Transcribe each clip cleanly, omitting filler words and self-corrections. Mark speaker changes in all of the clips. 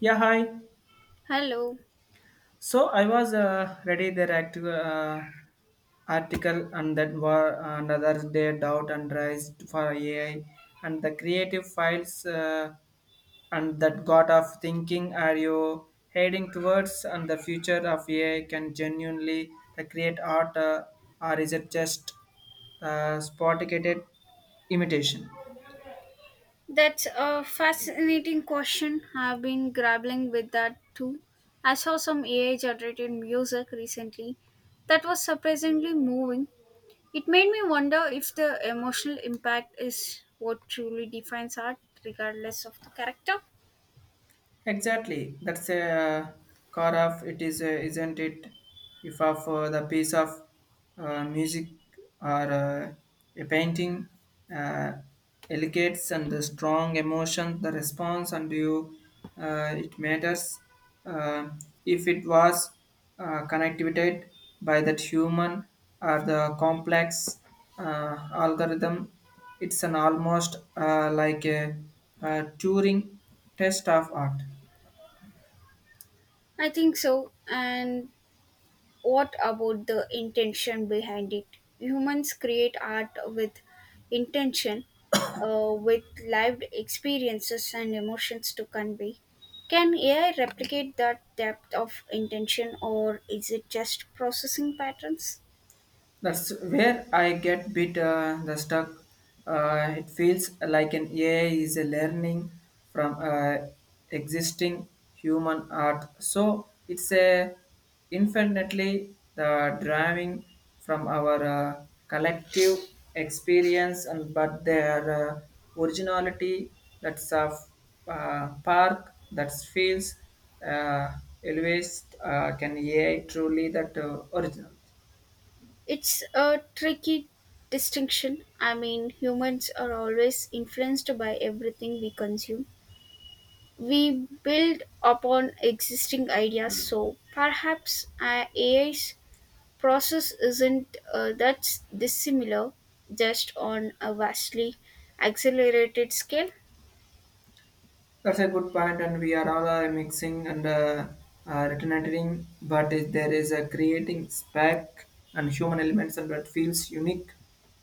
Speaker 1: Yeah, hi.
Speaker 2: Hello.
Speaker 1: So I was ready the article and that were another day doubt and rise for AI and the creative files and that got of thinking are you heading towards and the future of AI can genuinely the create art or is it just spotted imitation?
Speaker 2: That's a fascinating question. I've been grappling with that too. I saw some AI generated music recently that was surprisingly moving. It made me wonder if the emotional impact is what truly defines art, regardless of the character.
Speaker 1: Exactly. That's a car of it is, isn't it? If of the piece of music or a painting uh, elegates and the strong emotion, the response and you, it matters. Uh, if it was connected by that human or the complex algorithm, it's an almost like a Turing test of art.
Speaker 2: I think so. And what about the intention behind it? Humans create art with intention, with lived experiences and emotions to convey. Can AI replicate that depth of intention, or is it just processing patterns?
Speaker 1: That's where I get bit the stuck. It feels like an AI is a learning from existing human art. So it's a infinitely the drawing from our collective experience, and but their uh, originality that's a park that feels uh, always can AI truly that original.
Speaker 2: It's a tricky distinction. I mean, humans are always influenced by everything we consume. We build upon existing ideas, so perhaps AI's process isn't that dissimilar, just on a vastly accelerated scale.
Speaker 1: That's a good point, and we are all mixing and returning, but if there is a creating spec and human elements, and that feels unique,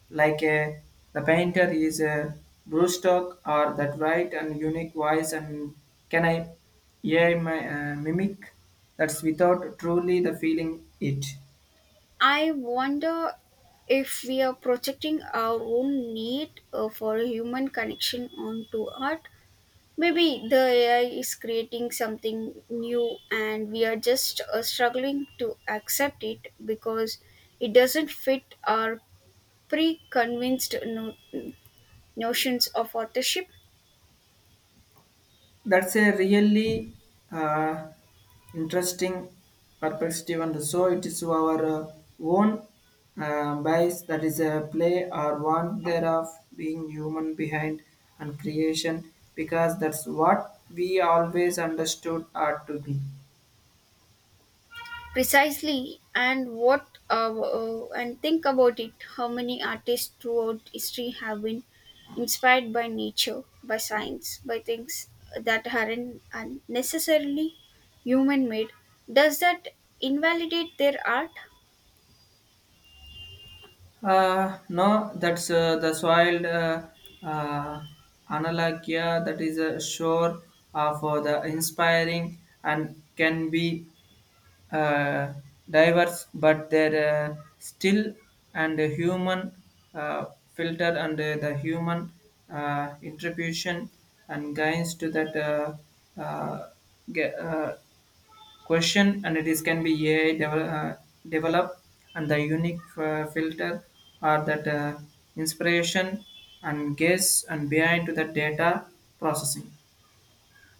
Speaker 1: like a the painter is a Brewstock or that right and unique voice, and can I, yeah, my mimic that's without truly the feeling it.
Speaker 2: I wonder if we are projecting our own need for human connection onto art. Maybe the AI is creating something new and we are just struggling to accept it because it doesn't fit our pre convinced notions of authorship.
Speaker 1: That's a really uh, interesting perspective, and so it is our own bias that is a play or one thereof being human behind and creation, because that's what we always understood art to be.
Speaker 2: Precisely. And think about it, how many artists throughout history have been inspired by nature, by science, by things that aren't necessarily human made? Does that invalidate their art?
Speaker 1: No, that's the soil. Uh, analogia that is a shore for the inspiring and can be uh, diverse, but they're still and the human uh, filter and the human interpretation and guides to that uh, ge- uh, question, and it is can be AI develop and the unique filter are that inspiration and guess and behind to the data processing.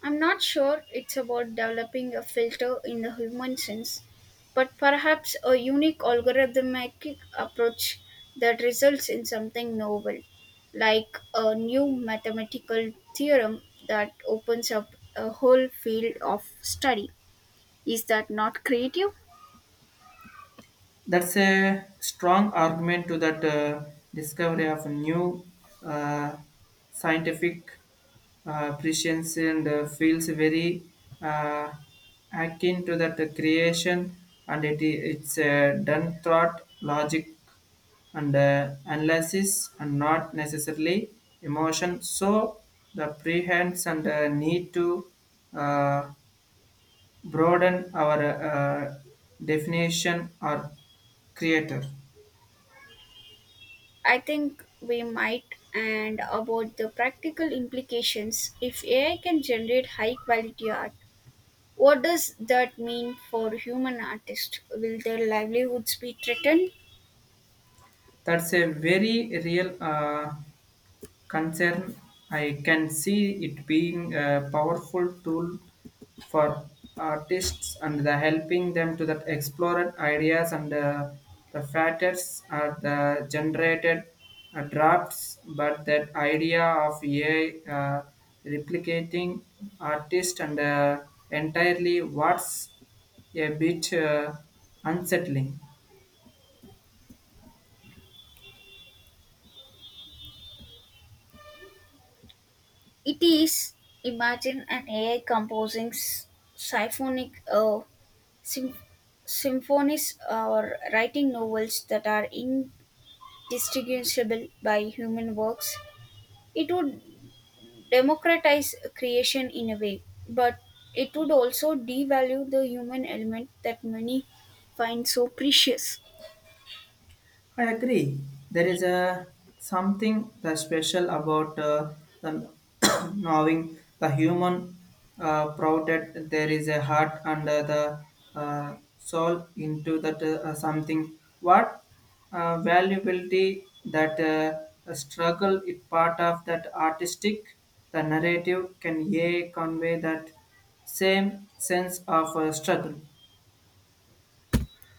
Speaker 2: I'm not sure it's about developing a filter in the human sense, but perhaps a unique algorithmic approach that results in something novel, like a new mathematical theorem that opens up a whole field of study. Is that not creative?
Speaker 1: That's a strong argument to that discovery of new uh, scientific prescience and feels very uh, akin to that creation and it's done thought, logic and analysis and not necessarily emotion. So the prehands and need to uh, broaden our definition or creator.
Speaker 2: I think we might, and about the practical implications, if AI can generate high quality art, what does that mean for human artists? Will their livelihoods be threatened?
Speaker 1: That's a very real concern. I can see it being a powerful tool for artists and the helping them to that explore ideas and the factors are the generated drafts but that idea of AI replicating artist and entirely what's a bit unsettling.
Speaker 2: It is. Imagine an AI composing symphonic sym- symphonies, or writing novels that are indistinguishable by human works. It would democratize creation in a way, but it would also devalue the human element that many find so precious.
Speaker 1: I agree. There is a something that special about the knowing the human proud that there is a heart under the soul into that something. What valuability that the struggle is part of that artistic, the narrative can yea convey that same sense of struggle.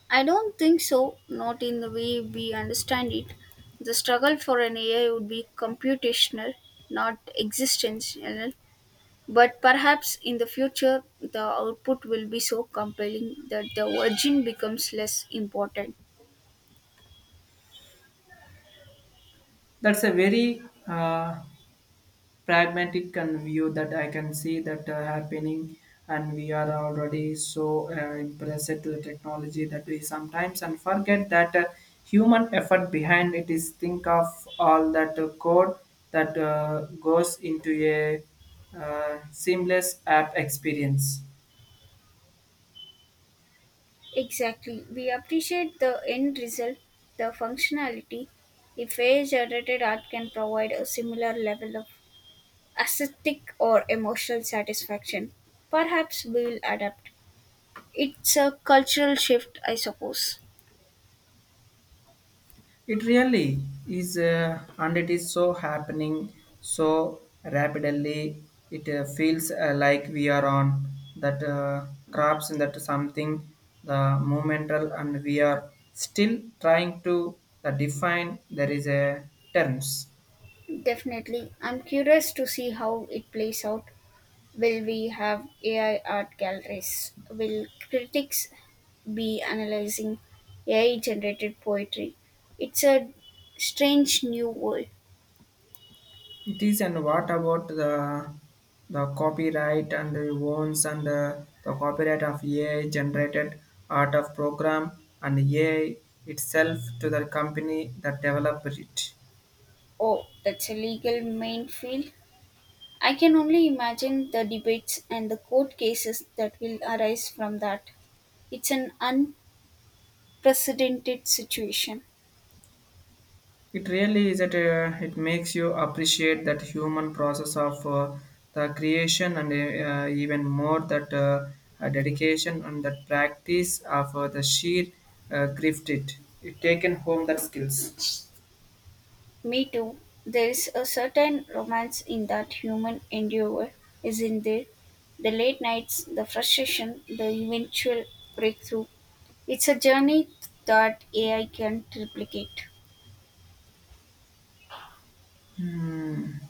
Speaker 2: I don't think so, not in the way we understand it. The struggle for an AI would be computational, not existential. But perhaps in the future, the output will be so compelling that the origin becomes less important.
Speaker 1: That's a very pragmatic and view that I can see that happening and we are already so impressed to the technology that we sometimes and forget that human effort behind it is think of all that code that goes into a seamless app experience.
Speaker 2: Exactly. We appreciate the end result, the functionality. If AI generated art can provide a similar level of aesthetic or emotional satisfaction, perhaps we will adapt. It's a cultural shift, I suppose.
Speaker 1: It really is, and it is so happening so rapidly. It feels like we are on that traps and that something the momental, and we are still trying to define. There is a terms.
Speaker 2: Definitely. I'm curious to see how it plays out. Will we have AI art galleries? Will critics be analyzing AI generated poetry? It's a strange new world.
Speaker 1: It is, and what about the copyright and the owns and the copyright of AI generated art of program and AI itself to the company that developed it.
Speaker 2: Oh, that's a legal main field. I can only imagine the debates and the court cases that will arise from that. It's an unprecedented situation.
Speaker 1: It really is that it makes you appreciate that human process of the creation and even more that dedication and that practice of the sheer grift it. It taken home that skills.
Speaker 2: Me too. There is a certain romance in that human endeavor, isn't there? The late nights, the frustration, the eventual breakthrough. It's a journey that AI can replicate.
Speaker 1: Hmm.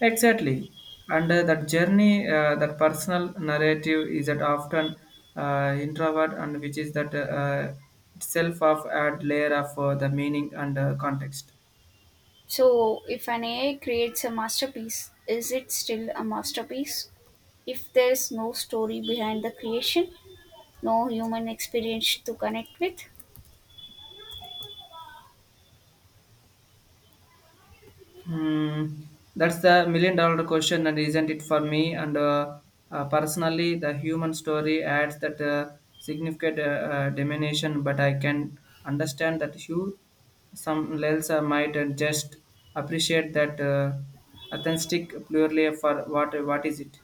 Speaker 1: Exactly. And that journey, that personal narrative is that often introvert and which is that itself of add layer of the meaning and context.
Speaker 2: So, if an AI creates a masterpiece, is it still a masterpiece? If there is no story behind the creation, no human experience to connect with?
Speaker 1: Hmm, that's the million dollar question, and isn't it for me? And Personally, the human story adds that significant diminution, but I can understand that you, some else, might just appreciate that authentic purely for what is it?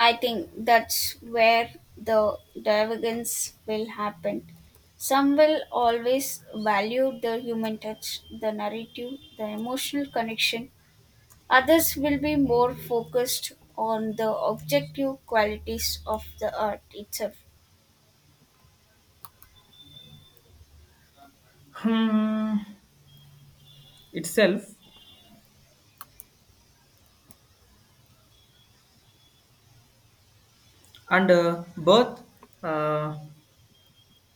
Speaker 2: I think that's where the divergence will happen. Some will always value the human touch, the narrative, the emotional connection. Others will be more focused on the objective qualities of the art itself.
Speaker 1: Hmm, itself and both. Uh,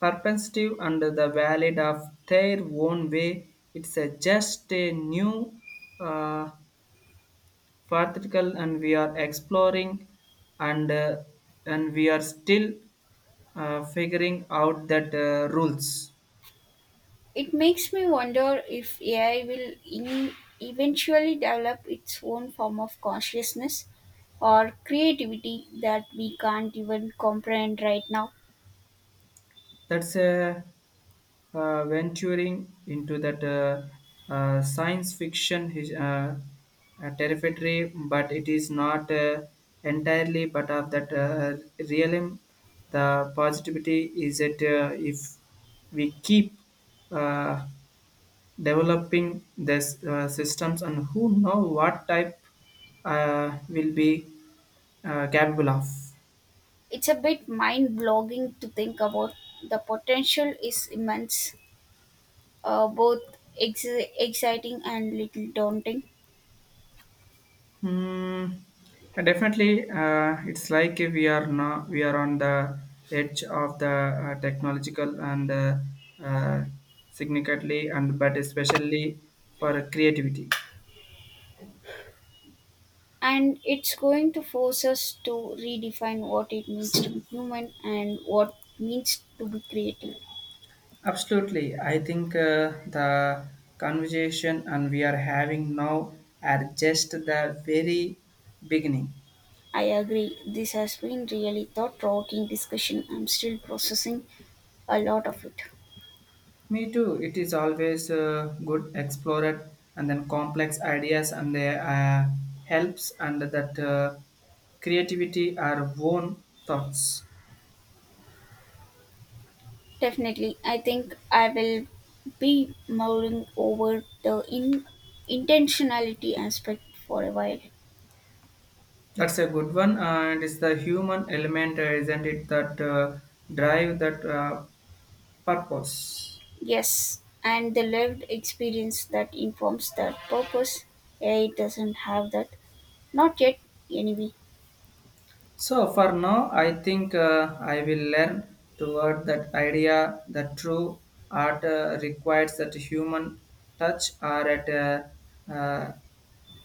Speaker 1: perspective and the valid of their own way. It's a just a new uh, vertical and we are exploring and uh, and we are still figuring out that rules.
Speaker 2: It makes me wonder if AI will eventually develop its own form of consciousness or creativity that we can't even comprehend right now.
Speaker 1: That's a venturing into that science fiction territory, but it is not entirely part of that realm. The positivity is that if we keep uh, developing these systems and who know what type will be capable of.
Speaker 2: It's a bit mind blogging to think about. The potential is immense, both exciting and little daunting.
Speaker 1: Hmm, definitely, it's like we are on the edge of the technological and uh, significantly, and but especially for creativity.
Speaker 2: And it's going to force us to redefine what it means to be human and what means to be creative.
Speaker 1: Absolutely, I think the conversation and we are having now are just the very beginning.
Speaker 2: I agree. This has been really thought provoking discussion. I'm still processing a lot of it.
Speaker 1: Me too. It is always good explore it, and then complex ideas and they helps and that creativity are own thoughts.
Speaker 2: Definitely. I think I will be mulling over the intentionality aspect for a while.
Speaker 1: That's a good one and it's the human element, isn't it, that drive that purpose.
Speaker 2: Yes, and the lived experience that informs that purpose. AI doesn't have that. Not yet, anyway.
Speaker 1: So for now, I think I will learn toward that idea that true art requires that human touch or at a uh,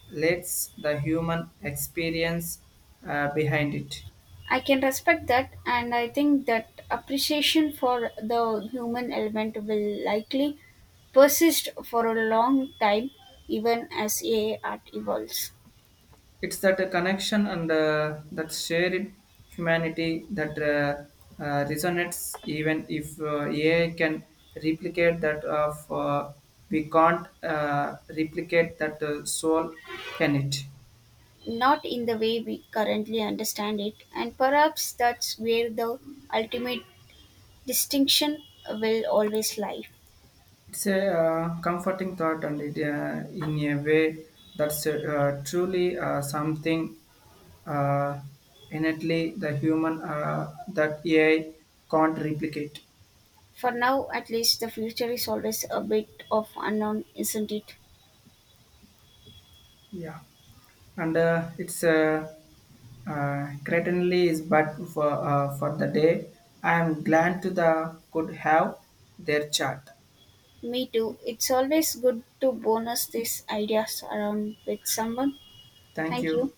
Speaker 1: let the human experience behind it.
Speaker 2: I can respect that, and I think that appreciation for the human element will likely persist for a long time, even as AI art evolves.
Speaker 1: It's that connection and that shared humanity that resonates even if AI can replicate that of we can't replicate that soul can it.
Speaker 2: Not in the way we currently understand it, and perhaps that's where the ultimate distinction will always lie.
Speaker 1: It's a comforting thought, and it, in a way, that's truly something uh, innately the human that AI can't replicate.
Speaker 2: For now, at least, the future is always a bit of unknown, isn't it?
Speaker 1: Yeah, and it's certainly is, but for the day, I am glad to the could have their chat.
Speaker 2: Me too. It's always good to bonus these ideas around with someone.
Speaker 1: Thank
Speaker 2: Thank you.
Speaker 1: you.